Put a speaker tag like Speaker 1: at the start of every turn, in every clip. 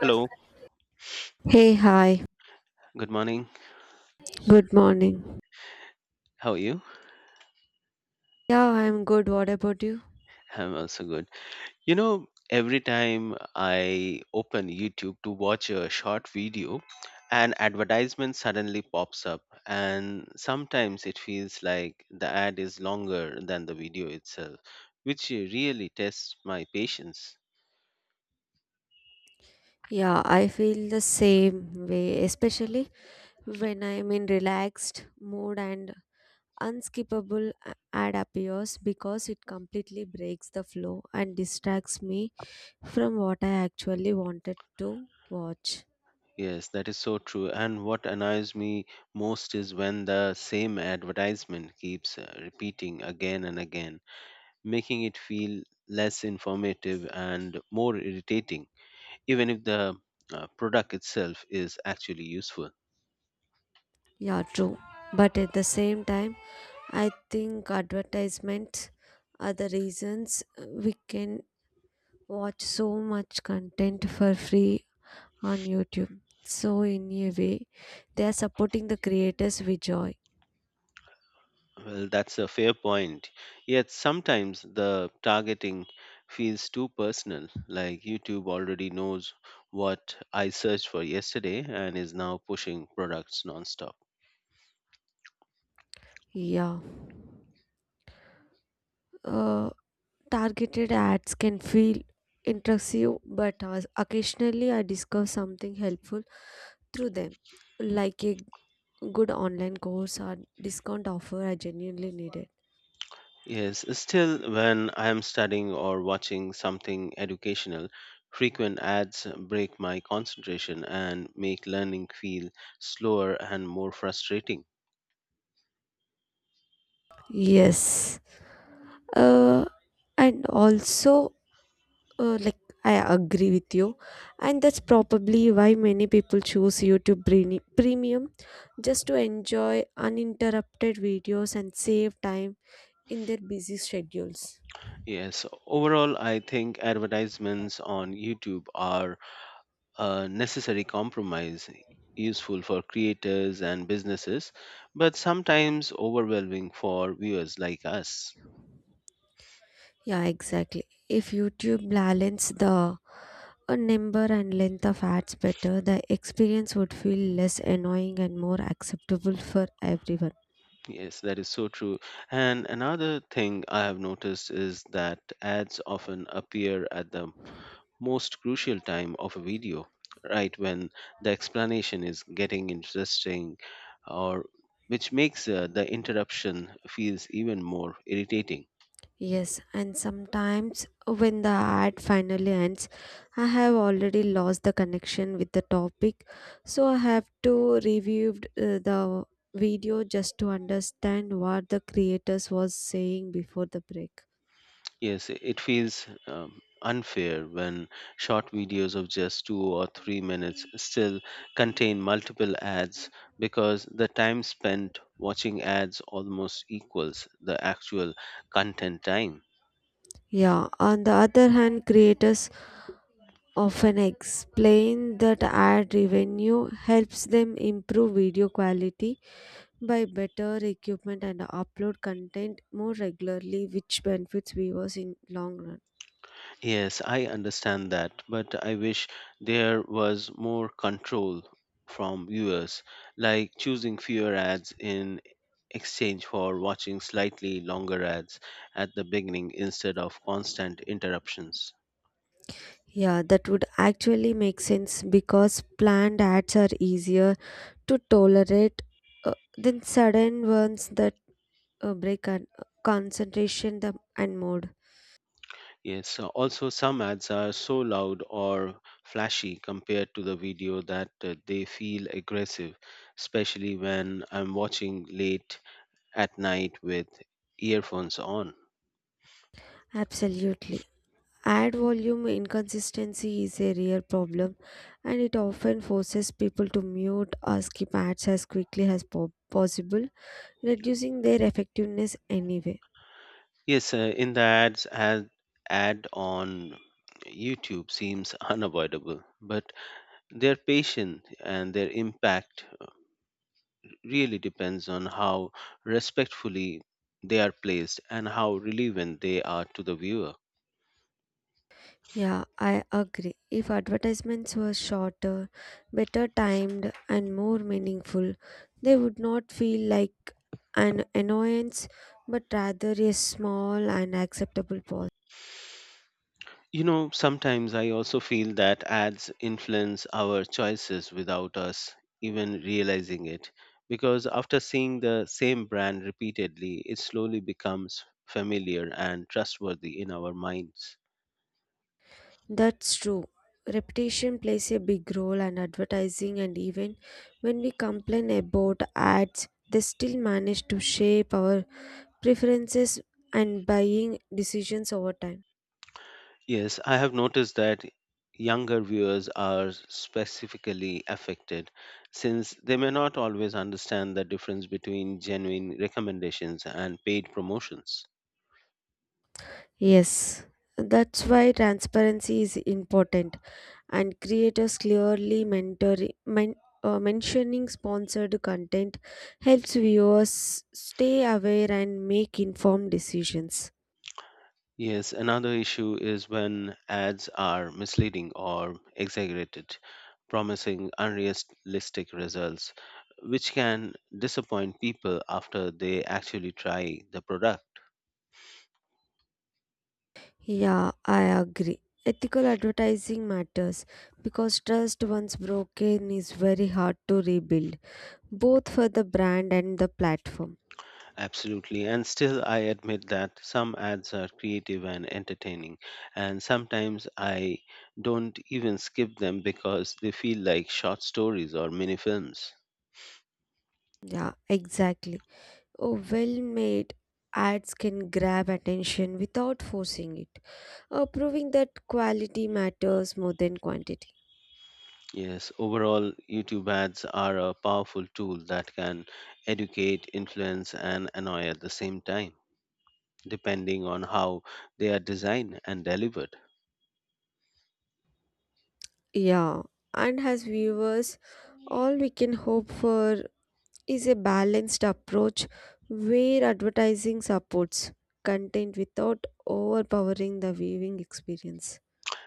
Speaker 1: Hello,
Speaker 2: Hey, hi.
Speaker 1: good morning.
Speaker 2: Good morning.
Speaker 1: How are you?
Speaker 2: Yeah, I'm good. What about you?
Speaker 1: I'm also good. You know, every time I open YouTube to watch a short video, an advertisement suddenly pops up, and sometimes it feels like the ad is longer than the video itself, which really tests my patience.
Speaker 2: Yeah, I feel the same way, especially when I'm in relaxed mood and unskippable ad appears because it completely breaks the flow and distracts me from what I actually wanted to watch.
Speaker 1: Yes, that is so true. And what annoys me most is when the same advertisement keeps repeating again and again, making it feel less informative and more irritating, even if the product itself is actually useful.
Speaker 2: Yeah, true. But at the same time, I think advertisements are the reasons we can watch so much content for free on YouTube. So, in a way, they are supporting the creators with joy.
Speaker 1: Well, that's a fair point. Yet sometimes the targeting feels too personal, like YouTube already knows what I searched for yesterday and is now pushing products nonstop.
Speaker 2: Yeah. Uh, Targeted ads can feel intrusive, but occasionally I discover something helpful through them, like a good online course or discount offer I genuinely needed.
Speaker 1: Yes, still, when I am studying or watching something educational, frequent ads break my concentration and make learning feel slower and more frustrating.
Speaker 2: Yes. Uh, and also, like I agree with you, and that's probably why many people choose YouTube Premium just to enjoy uninterrupted videos and save time in their busy schedules.
Speaker 1: Yes, overall, I think advertisements on YouTube are a necessary compromise, useful for creators and businesses, but sometimes overwhelming for viewers like us.
Speaker 2: Yeah, exactly. If YouTube balance the number and length of ads better, the experience would feel less annoying and more acceptable for everyone.
Speaker 1: Yes, that is so true. And another thing I have noticed is that ads often appear at the most crucial time of a video, right when the explanation is getting interesting, or which makes the interruption feels even more irritating.
Speaker 2: Yes, and sometimes when the ad finally ends, I have already lost the connection with the topic, so I have to review the video just to understand what the creators was saying before the break.
Speaker 1: Yes, it feels unfair when short videos of just 2 or 3 minutes still contain multiple ads because the time spent watching ads almost equals the actual content time.
Speaker 2: Yeah, on the other hand, creators often explain that ad revenue helps them improve video quality by better equipment and upload content more regularly, which benefits viewers in long run.
Speaker 1: Yes, I understand that, but I wish there was more control from viewers, like choosing fewer ads in exchange for watching slightly longer ads at the beginning instead of constant interruptions.
Speaker 2: Yeah, that would actually make sense because planned ads are easier to tolerate than sudden ones that concentration and mood.
Speaker 1: Yes, also some ads are so loud or flashy compared to the video that they feel aggressive, especially when I'm watching late at night with earphones on.
Speaker 2: Absolutely. Ad volume inconsistency is a real problem and it often forces people to mute or skip ads as quickly as possible, reducing their effectiveness anyway.
Speaker 1: Yes, in the ad on YouTube seems unavoidable, but their patience and their impact really depends on how respectfully they are placed and how relevant they are to the viewer.
Speaker 2: Yeah, I agree. If advertisements were shorter, better timed, and more meaningful, they would not feel like an annoyance but rather a small and acceptable pause.
Speaker 1: You know, sometimes I also feel that ads influence our choices without us even realizing it. Because after seeing the same brand repeatedly, it slowly becomes familiar and trustworthy in our minds.
Speaker 2: That's true. Reputation plays a big role in advertising, and even when we complain about ads, they still manage to shape our preferences and buying decisions over time.
Speaker 1: Yes, I have noticed that younger viewers are specifically affected since they may not always understand the difference between genuine recommendations and paid promotions.
Speaker 2: Yes, that's why transparency is important, and creators clearly men, mentioning sponsored content helps viewers stay aware and make informed decisions.
Speaker 1: Yes, another issue is when ads are misleading or exaggerated, promising unrealistic results, which can disappoint people after they actually try the product.
Speaker 2: Yeah, I agree. Ethical advertising matters because trust once broken is very hard to rebuild, both for the brand and the platform.
Speaker 1: Absolutely, and still, I admit that some ads are creative and entertaining, and sometimes I don't even skip them because they feel like short stories or mini films.
Speaker 2: Yeah, exactly. A well made ads can grab attention without forcing it, proving that quality matters more than quantity.
Speaker 1: Yes, overall, YouTube ads are a powerful tool that can educate, influence, and annoy at the same time, depending on how they are designed and delivered.
Speaker 2: Yeah, and as viewers, all we can hope for is a balanced approach where advertising supports content without overpowering the viewing experience.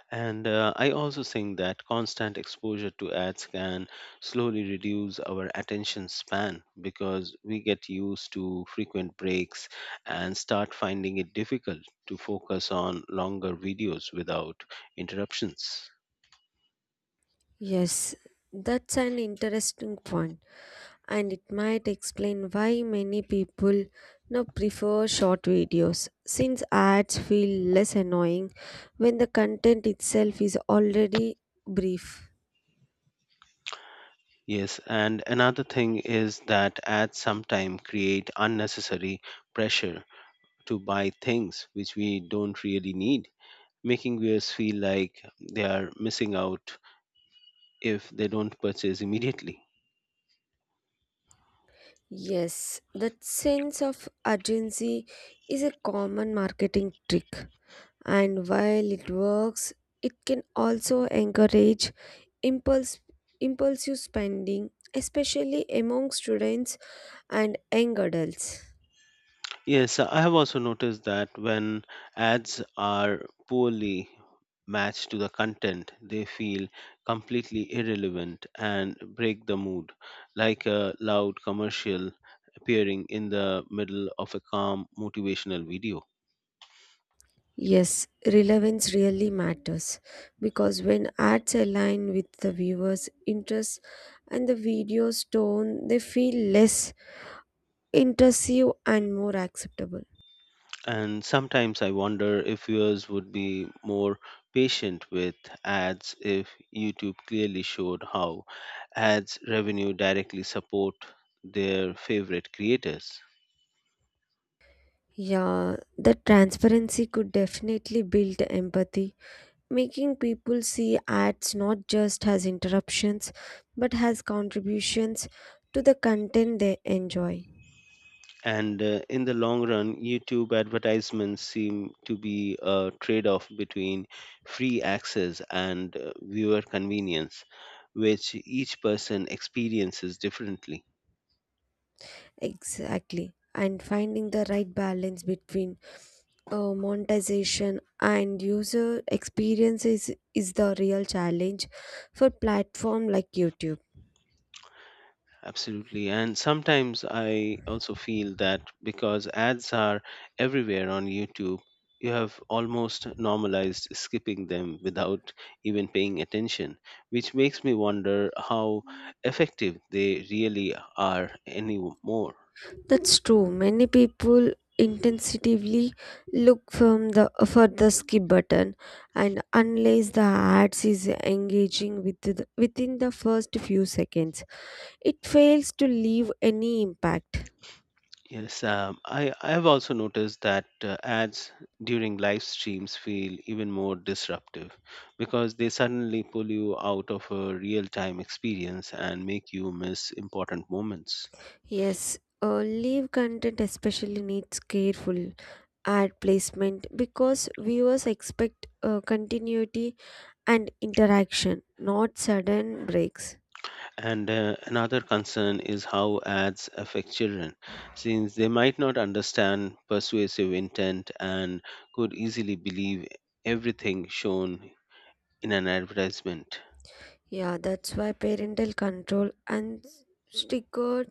Speaker 1: And I also think that constant exposure to ads can slowly reduce our attention span because we get used to frequent breaks and start finding it difficult to focus on longer videos without interruptions.
Speaker 2: Yes, that's an interesting point, and it might explain why many people now prefer short videos since ads feel less annoying when the content itself is already brief.
Speaker 1: Yes, and another thing is that ads sometimes create unnecessary pressure to buy things which we don't really need, making viewers feel like they are missing out if they don't purchase immediately.
Speaker 2: Yes, that sense of urgency is a common marketing trick, and while it works, it can also encourage impulse impulsive spending, especially among students and young adults.
Speaker 1: Yes, so I have also noticed that when ads are poorly matched to the content, they feel completely irrelevant and break the mood, like a loud commercial appearing in the middle of a calm motivational video.
Speaker 2: Yes, relevance really matters because when ads align with the viewer's interests and the video's tone, they feel less intrusive and more acceptable.
Speaker 1: And sometimes I wonder if viewers would be more patient with ads if YouTube clearly showed how ads revenue directly support their favorite creators.
Speaker 2: Yeah, the transparency could definitely build empathy, making people see ads not just as interruptions but as contributions to the content they enjoy.
Speaker 1: And in the long run, YouTube advertisements seem to be a trade off between free access and viewer convenience, which each person experiences differently.
Speaker 2: Exactly. And finding the right balance between monetization and user experience is the real challenge for platform like YouTube.
Speaker 1: Absolutely. And sometimes I also feel that because ads are everywhere on YouTube, you have almost normalized skipping them without even paying attention, which makes me wonder how effective they really are anymore.
Speaker 2: That's true. Many people intensively look from the for the skip button, and unless the ads is engaging within the first few seconds, it fails to leave any impact.
Speaker 1: Yes, I have also noticed that ads during live streams feel even more disruptive because they suddenly pull you out of a real-time experience and make you miss important moments.
Speaker 2: Yes, live content especially needs careful ad placement because viewers expect continuity and interaction, not sudden breaks.
Speaker 1: And another concern is how ads affect children, since they might not understand persuasive intent and could easily believe everything shown in an advertisement.
Speaker 2: Yeah, that's why parental control and stricter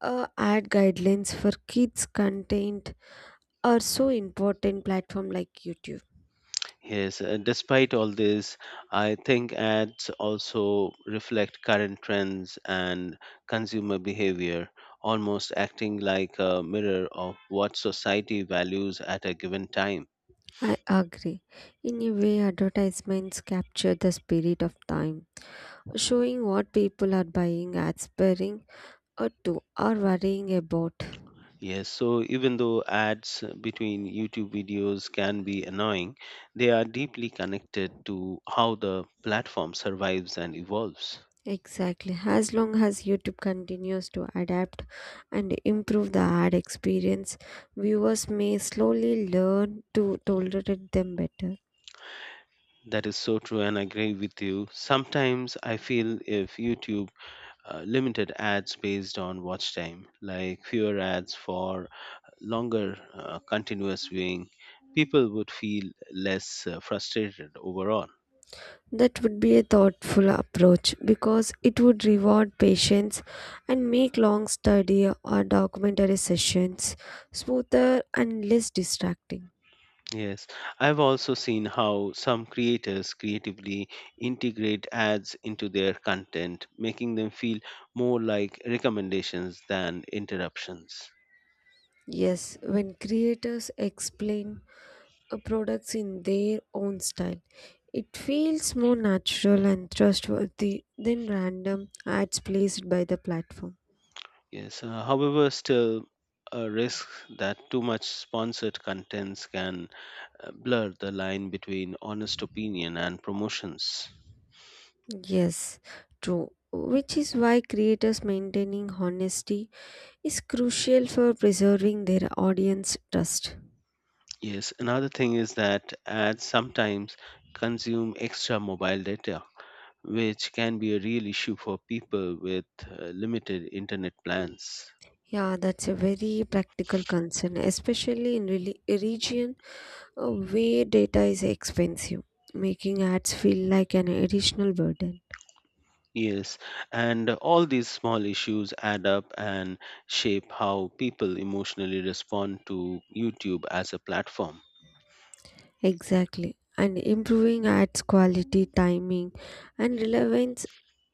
Speaker 2: ad guidelines for kids content are so important platform like YouTube.
Speaker 1: Yes, despite all this, I think ads also reflect current trends and consumer behavior, almost acting like a mirror of what society values at a given time.
Speaker 2: I agree. In a way, advertisements capture the spirit of time, showing what people are buying, ads sparing or two are worrying about.
Speaker 1: Yes, so even though ads between YouTube videos can be annoying, they are deeply connected to how the platform survives and evolves.
Speaker 2: Exactly. As long as YouTube continues to adapt and improve the ad experience, viewers may slowly learn to tolerate them better.
Speaker 1: That is so true, and I agree with you. Sometimes I feel if YouTube limited ads based on watch time, like fewer ads for longer continuous viewing, people would feel less frustrated overall.
Speaker 2: That would be a thoughtful approach because it would reward patience and make long study or documentary sessions smoother and less distracting.
Speaker 1: Yes, I've also seen how some creators creatively integrate ads into their content, making them feel more like recommendations than interruptions.
Speaker 2: Yes, when creators explain products in their own style, it feels more natural and trustworthy than random ads placed by the platform.
Speaker 1: Yes, however, still a risk that too much sponsored contents can blur the line between honest opinion and promotions.
Speaker 2: Yes, true. Which is why creators maintaining honesty is crucial for preserving their audience trust.
Speaker 1: Yes, another thing is that ads sometimes consume extra mobile data, which can be a real issue for people with limited internet plans.
Speaker 2: Yeah, that's a very practical concern, especially in a region where data is expensive, making ads feel like an additional burden.
Speaker 1: Yes, and all these small issues add up and shape how people emotionally respond to YouTube as a platform.
Speaker 2: Exactly. And improving ads quality, timing, and relevance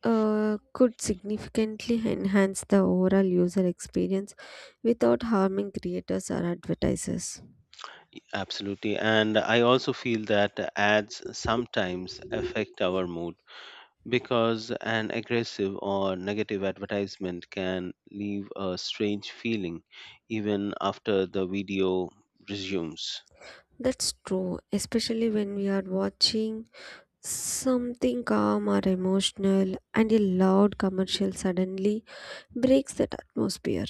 Speaker 2: could significantly enhance the overall user experience without harming creators or advertisers.
Speaker 1: Absolutely, and I also feel that ads sometimes affect our mood because an aggressive or negative advertisement can leave a strange feeling even after the video resumes.
Speaker 2: That's true, especially when we are watching something calm or emotional and a loud commercial suddenly breaks that atmosphere.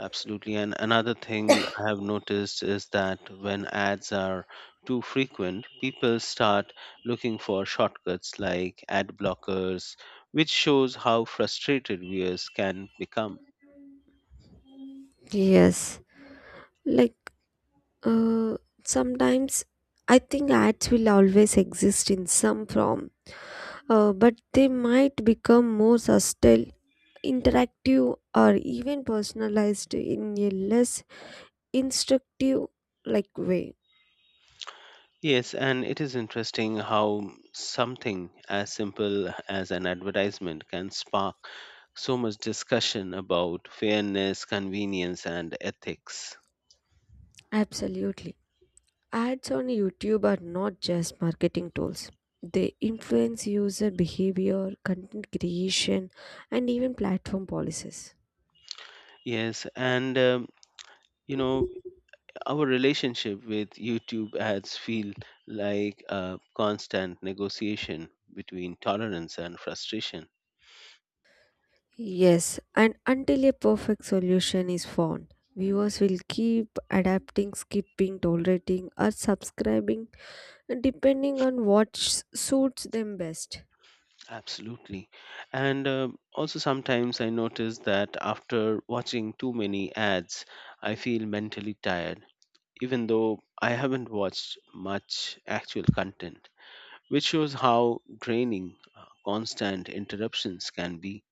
Speaker 1: Absolutely. And another thing I have noticed is that when ads are too frequent, people start looking for shortcuts like ad blockers, which shows how frustrated viewers can become.
Speaker 2: Yes, like Uh, sometimes I think ads will always exist in some form, but they might become more subtle, interactive, or even personalized in a less instructive like way.
Speaker 1: Yes, and it is interesting how something as simple as an advertisement can spark so much discussion about fairness, convenience, and ethics.
Speaker 2: Absolutely. Ads on YouTube are not just marketing tools. They influence user behavior, content creation, and even platform policies.
Speaker 1: Yes, and you know, our relationship with YouTube ads feel like a constant negotiation between tolerance and frustration.
Speaker 2: Yes, and until a perfect solution is found, viewers will keep adapting, skipping, tolerating, or subscribing depending on what suits them best.
Speaker 1: Absolutely. And also, sometimes I notice that after watching too many ads, I feel mentally tired even though I haven't watched much actual content, which shows how draining constant interruptions can be.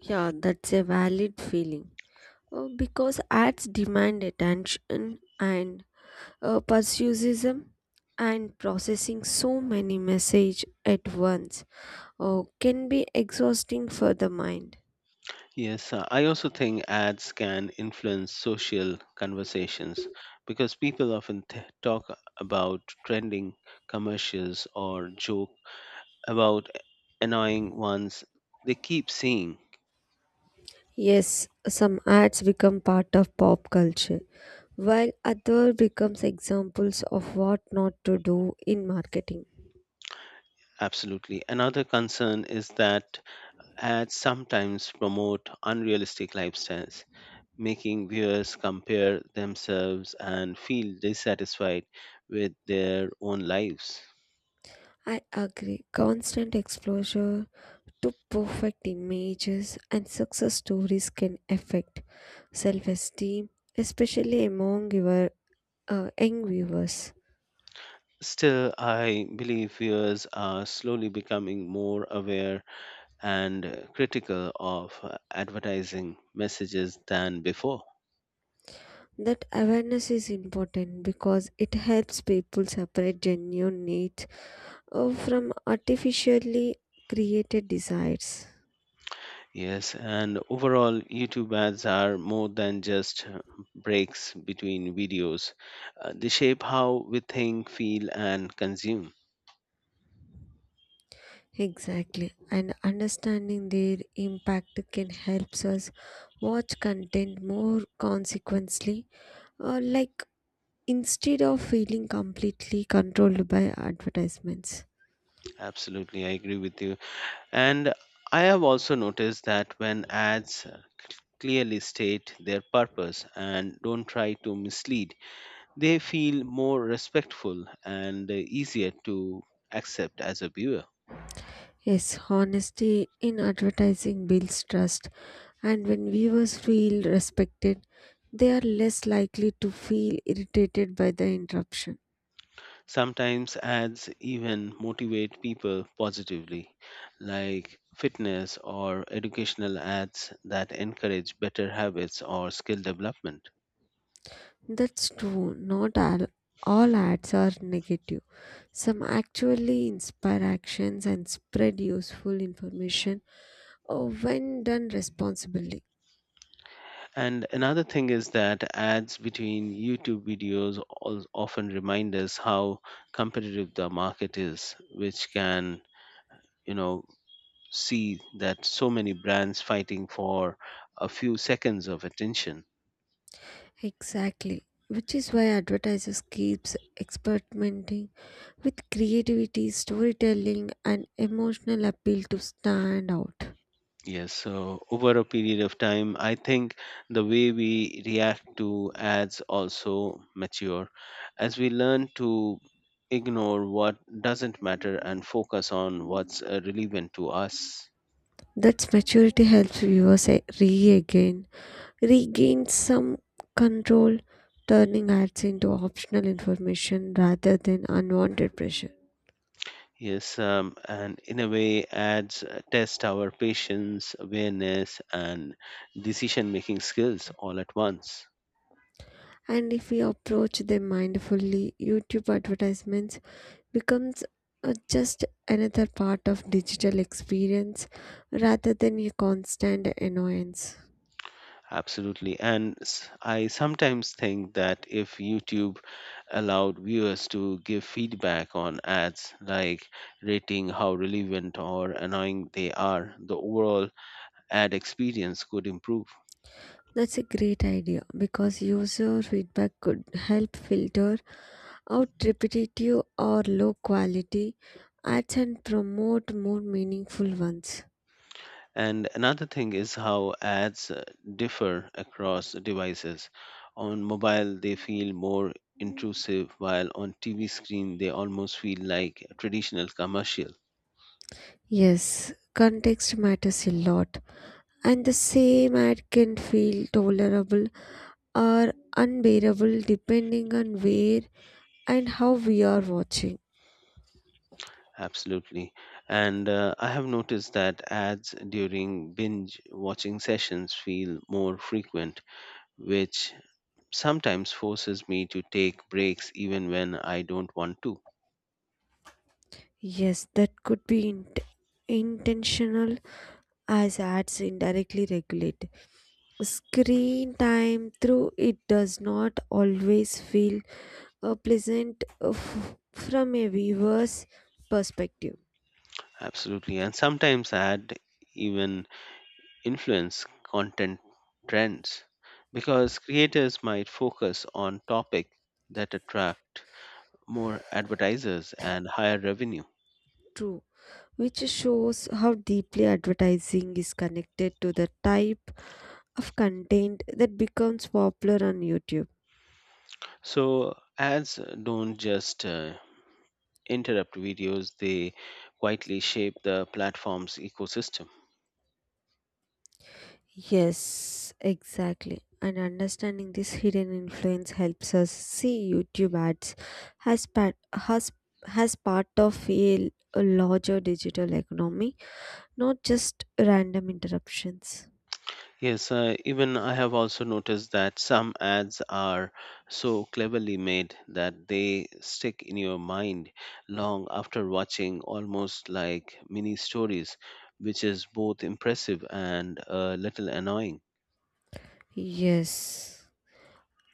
Speaker 2: Yeah, that's a valid feeling. Because ads demand attention and persuasism and processing so many messages at once can be exhausting for the mind.
Speaker 1: Yes, I also think ads can influence social conversations because people often talk about trending commercials or joke about annoying ones they keep seeing.
Speaker 2: Yes, some ads become part of pop culture, while other becomes examples of what not to do in marketing.
Speaker 1: Absolutely. Another concern is that ads sometimes promote unrealistic lifestyles, making viewers compare themselves and feel dissatisfied with their own lives.
Speaker 2: I agree. Constant exposure to perfect images and success stories can affect self-esteem, especially among your young viewers.
Speaker 1: Still, I believe viewers are slowly becoming more aware and critical of advertising messages than before.
Speaker 2: That awareness is important because it helps people separate genuine needs from artificially created desires.
Speaker 1: Yes, and overall, YouTube ads are more than just breaks between videos. They shape how we think, feel, and consume.
Speaker 2: Exactly, and understanding their impact can helps us watch content more consequently, uh, like instead of feeling completely controlled by advertisements.
Speaker 1: Absolutely, I agree with you. And I have also noticed that when ads clearly state their purpose and don't try to mislead, they feel more respectful and easier to accept as a viewer.
Speaker 2: Yes, honesty in advertising builds trust, and when viewers feel respected, they are less likely to feel irritated by the interruption.
Speaker 1: Sometimes ads even motivate people positively, like fitness or educational ads that encourage better habits or skill development.
Speaker 2: That's true. Not all, all ads are negative. Some actually inspire actions and spread useful information when done responsibly.
Speaker 1: And another thing is that ads between YouTube videos often remind us how competitive the market is, which can, you know, see that so many brands fighting for a few seconds of attention.
Speaker 2: Exactly. Which is why advertisers keeps experimenting with creativity, storytelling and emotional appeal to stand out.
Speaker 1: Yes, so over a period of time, I think the way we react to ads also mature as we learn to ignore what doesn't matter and focus on what's relevant to us.
Speaker 2: That's maturity helps viewers regain some control, turning ads into optional information rather than unwanted pressure.
Speaker 1: Yes, and in a way, ads test our patience, awareness, and decision making skills all at once.
Speaker 2: And if we approach them mindfully, YouTube advertisements becomes just another part of digital experience rather than a constant annoyance.
Speaker 1: Absolutely. And I sometimes think that if YouTube allowed viewers to give feedback on ads, like rating how relevant or annoying they are. The overall ad experience could improve.
Speaker 2: That's a great idea because user feedback could help filter out repetitive or low quality ads and promote more meaningful ones.
Speaker 1: And another thing is how ads differ across devices. On mobile, they feel more intrusive, while on TV screen, they almost feel like a traditional commercial.
Speaker 2: Yes, context matters a lot, and the same ad can feel tolerable or unbearable depending on where and how we are watching.
Speaker 1: Absolutely. And I have noticed that ads during binge watching sessions feel more frequent, which sometimes forces me to take breaks even when I don't want to.
Speaker 2: Yes, that could be intentional as ads indirectly regulate screen time through it does not always feel pleasant from a viewer's perspective.
Speaker 1: Absolutely. And sometimes I had even influence content trends because creators might focus on topic that attract more advertisers and higher revenue.
Speaker 2: True, which shows how deeply advertising is connected to the type of content that becomes popular on YouTube.
Speaker 1: So ads don't just interrupt videos, they quietly shape the platform's ecosystem.
Speaker 2: Yes, exactly. And understanding this hidden influence helps us see YouTube ads has part, has, has part of a larger digital economy, not just random interruptions.
Speaker 1: Yes, even I have also noticed that some ads are so cleverly made that they stick in your mind long after watching, almost like mini stories, which is both impressive and a little annoying.
Speaker 2: Yes,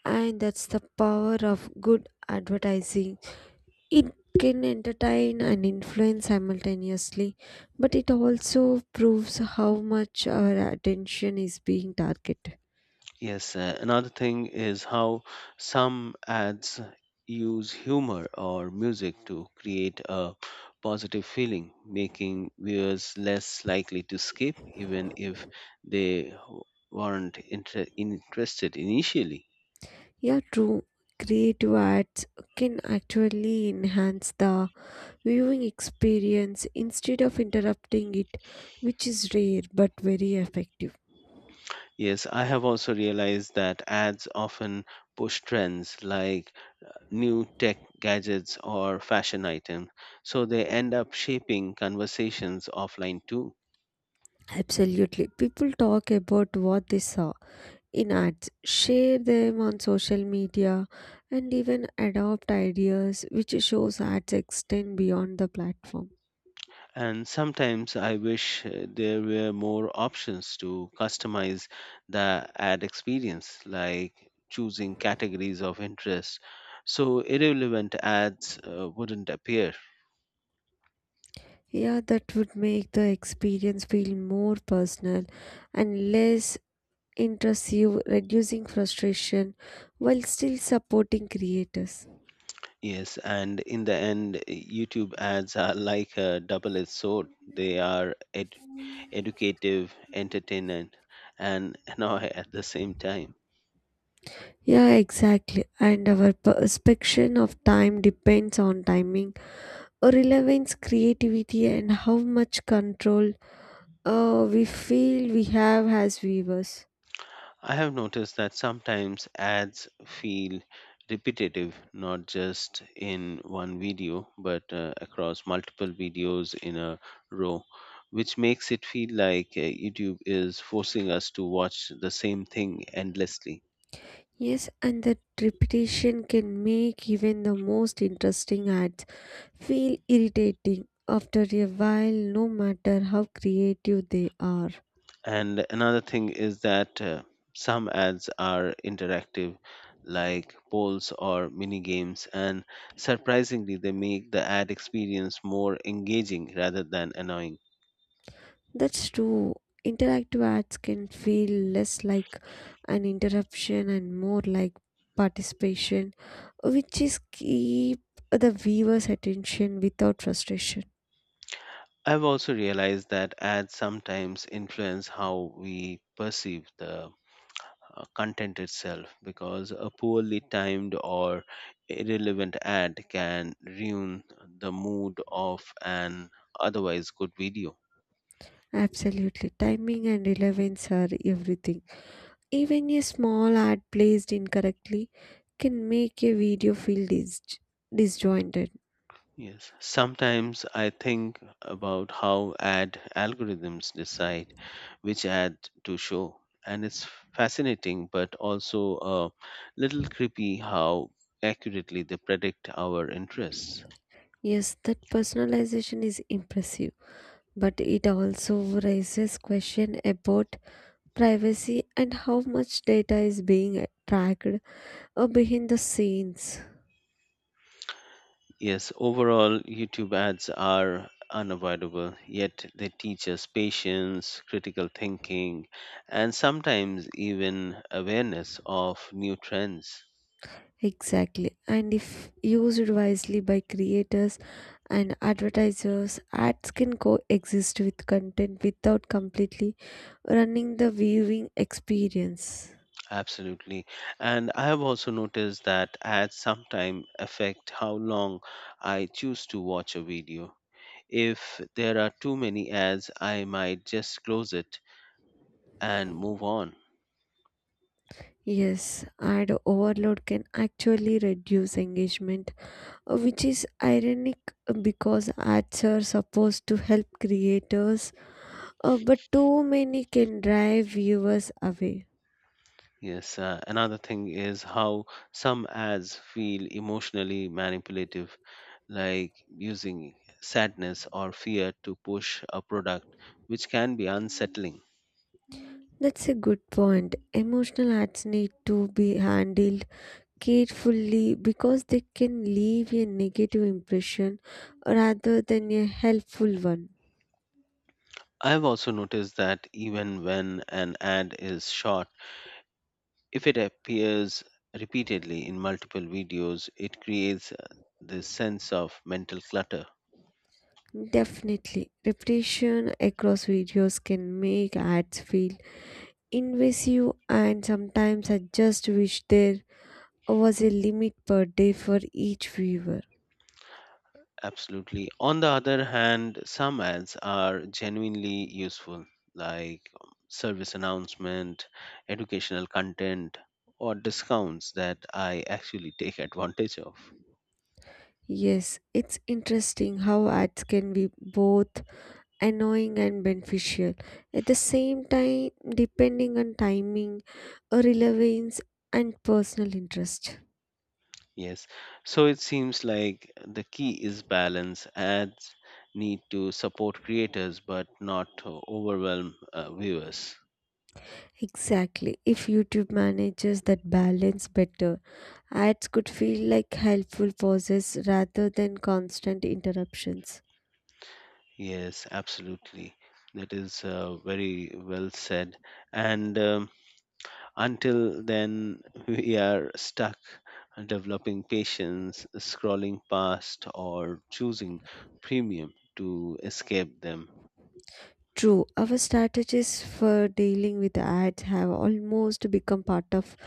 Speaker 2: and that's the power of good advertising. It can entertain and influence simultaneously, but it also proves how much our attention is being targeted.
Speaker 1: Yes, another thing is how some ads use humor or music to create a positive feeling, making viewers less likely to skip, even if they weren't interested initially.
Speaker 2: Yeah, true. Creative ads can actually enhance the viewing experience instead of interrupting it, which is rare but very effective.
Speaker 1: Yes, I have also realized that ads often push trends like new tech gadgets or fashion items, so they end up shaping conversations offline too.
Speaker 2: Absolutely. People talk about what they saw in ads, share them on social media, and even adopt ideas, which shows ads extend beyond the platform.
Speaker 1: And sometimes I wish there were more options to customize the ad experience, like choosing categories of interest so irrelevant ads wouldn't appear.
Speaker 2: Yeah, that would make the experience feel more personal and less intrusive, reducing frustration while still supporting creators.
Speaker 1: Yes, and in the end, YouTube ads are like a double edged sword. They are educative, entertainment, and annoy at the same time.
Speaker 2: Yeah, exactly. And our perception of time depends on timing relevance, creativity, and how much control we feel we have as viewers.
Speaker 1: I have noticed that sometimes ads feel repetitive, not just in one video, but across multiple videos in a row, which makes it feel like YouTube is forcing us to watch the same thing endlessly.
Speaker 2: Yes, and that repetition can make even the most interesting ads feel irritating after a while, no matter how creative they are.
Speaker 1: And another thing is that some ads are interactive, like polls or mini games, and surprisingly, they make the ad experience more engaging rather than annoying.
Speaker 2: That's true. Interactive ads can feel less like an interruption and more like participation, which is keep the viewer's attention without frustration.
Speaker 1: I've also realized that ads sometimes influence how we perceive the content itself because a poorly timed or irrelevant ad can ruin the mood of an otherwise good video.
Speaker 2: Absolutely. Timing and relevance are everything. Even a small ad placed incorrectly can make a video feel disjointed.
Speaker 1: Yes, sometimes I think about how ad algorithms decide which ad to show, and it's fascinating but also a little creepy how accurately they predict our interests.
Speaker 2: Yes, that personalization is impressive, but it also raises question about privacy and how much data is being tracked behind the scenes.
Speaker 1: Yes, overall, YouTube ads are unavoidable, yet they teach us patience, critical thinking, and sometimes even awareness of new trends.
Speaker 2: Exactly. And if used wisely by creators and advertisers, ads can coexist with content without completely running the viewing experience.
Speaker 1: Absolutely. And I have also noticed that ads sometimes affect how long I choose to watch a video. If there are too many ads, I might just close it and move on.
Speaker 2: Yes, ad overload can actually reduce engagement, which is ironic because ads are supposed to help creators, but too many can drive viewers away.
Speaker 1: Yes, another thing is how some ads feel emotionally manipulative, like using sadness or fear to push a product, which can be unsettling.
Speaker 2: That's a good point. Emotional ads need to be handled carefully because they can leave a negative impression rather than a helpful one.
Speaker 1: I've also noticed that even when an ad is short, if it appears repeatedly in multiple videos, it creates this sense of mental clutter.
Speaker 2: Definitely, repetition across videos can make ads feel invasive, and sometimes I just wish there was a limit per day for each viewer.
Speaker 1: Absolutely. On the other hand, some ads are genuinely useful, like service announcement, educational content, or discounts that I actually take advantage of.
Speaker 2: Yes, it's interesting how ads can be both annoying and beneficial. At the same time, depending on timing, relevance, and personal interest.
Speaker 1: Yes. So it seems like the key is balance. Ads need to support creators but not overwhelm viewers.
Speaker 2: Exactly. If YouTube manages that balance better, ads could feel like helpful pauses rather than constant interruptions.
Speaker 1: Yes, absolutely. That is very well said. And until then, we are stuck developing patience, scrolling past, or choosing premium to escape them.
Speaker 2: True, our strategies for dealing with ads have almost become part of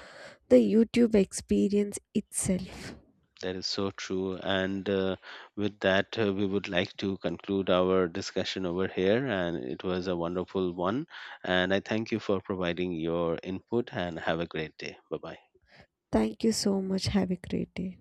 Speaker 2: the YouTube experience itself.
Speaker 1: That is so true. And with that, we would like to conclude our discussion over here. And it was a wonderful one. And I thank you for providing your input and have a great day. Bye bye.
Speaker 2: Thank you so much. Have a great day.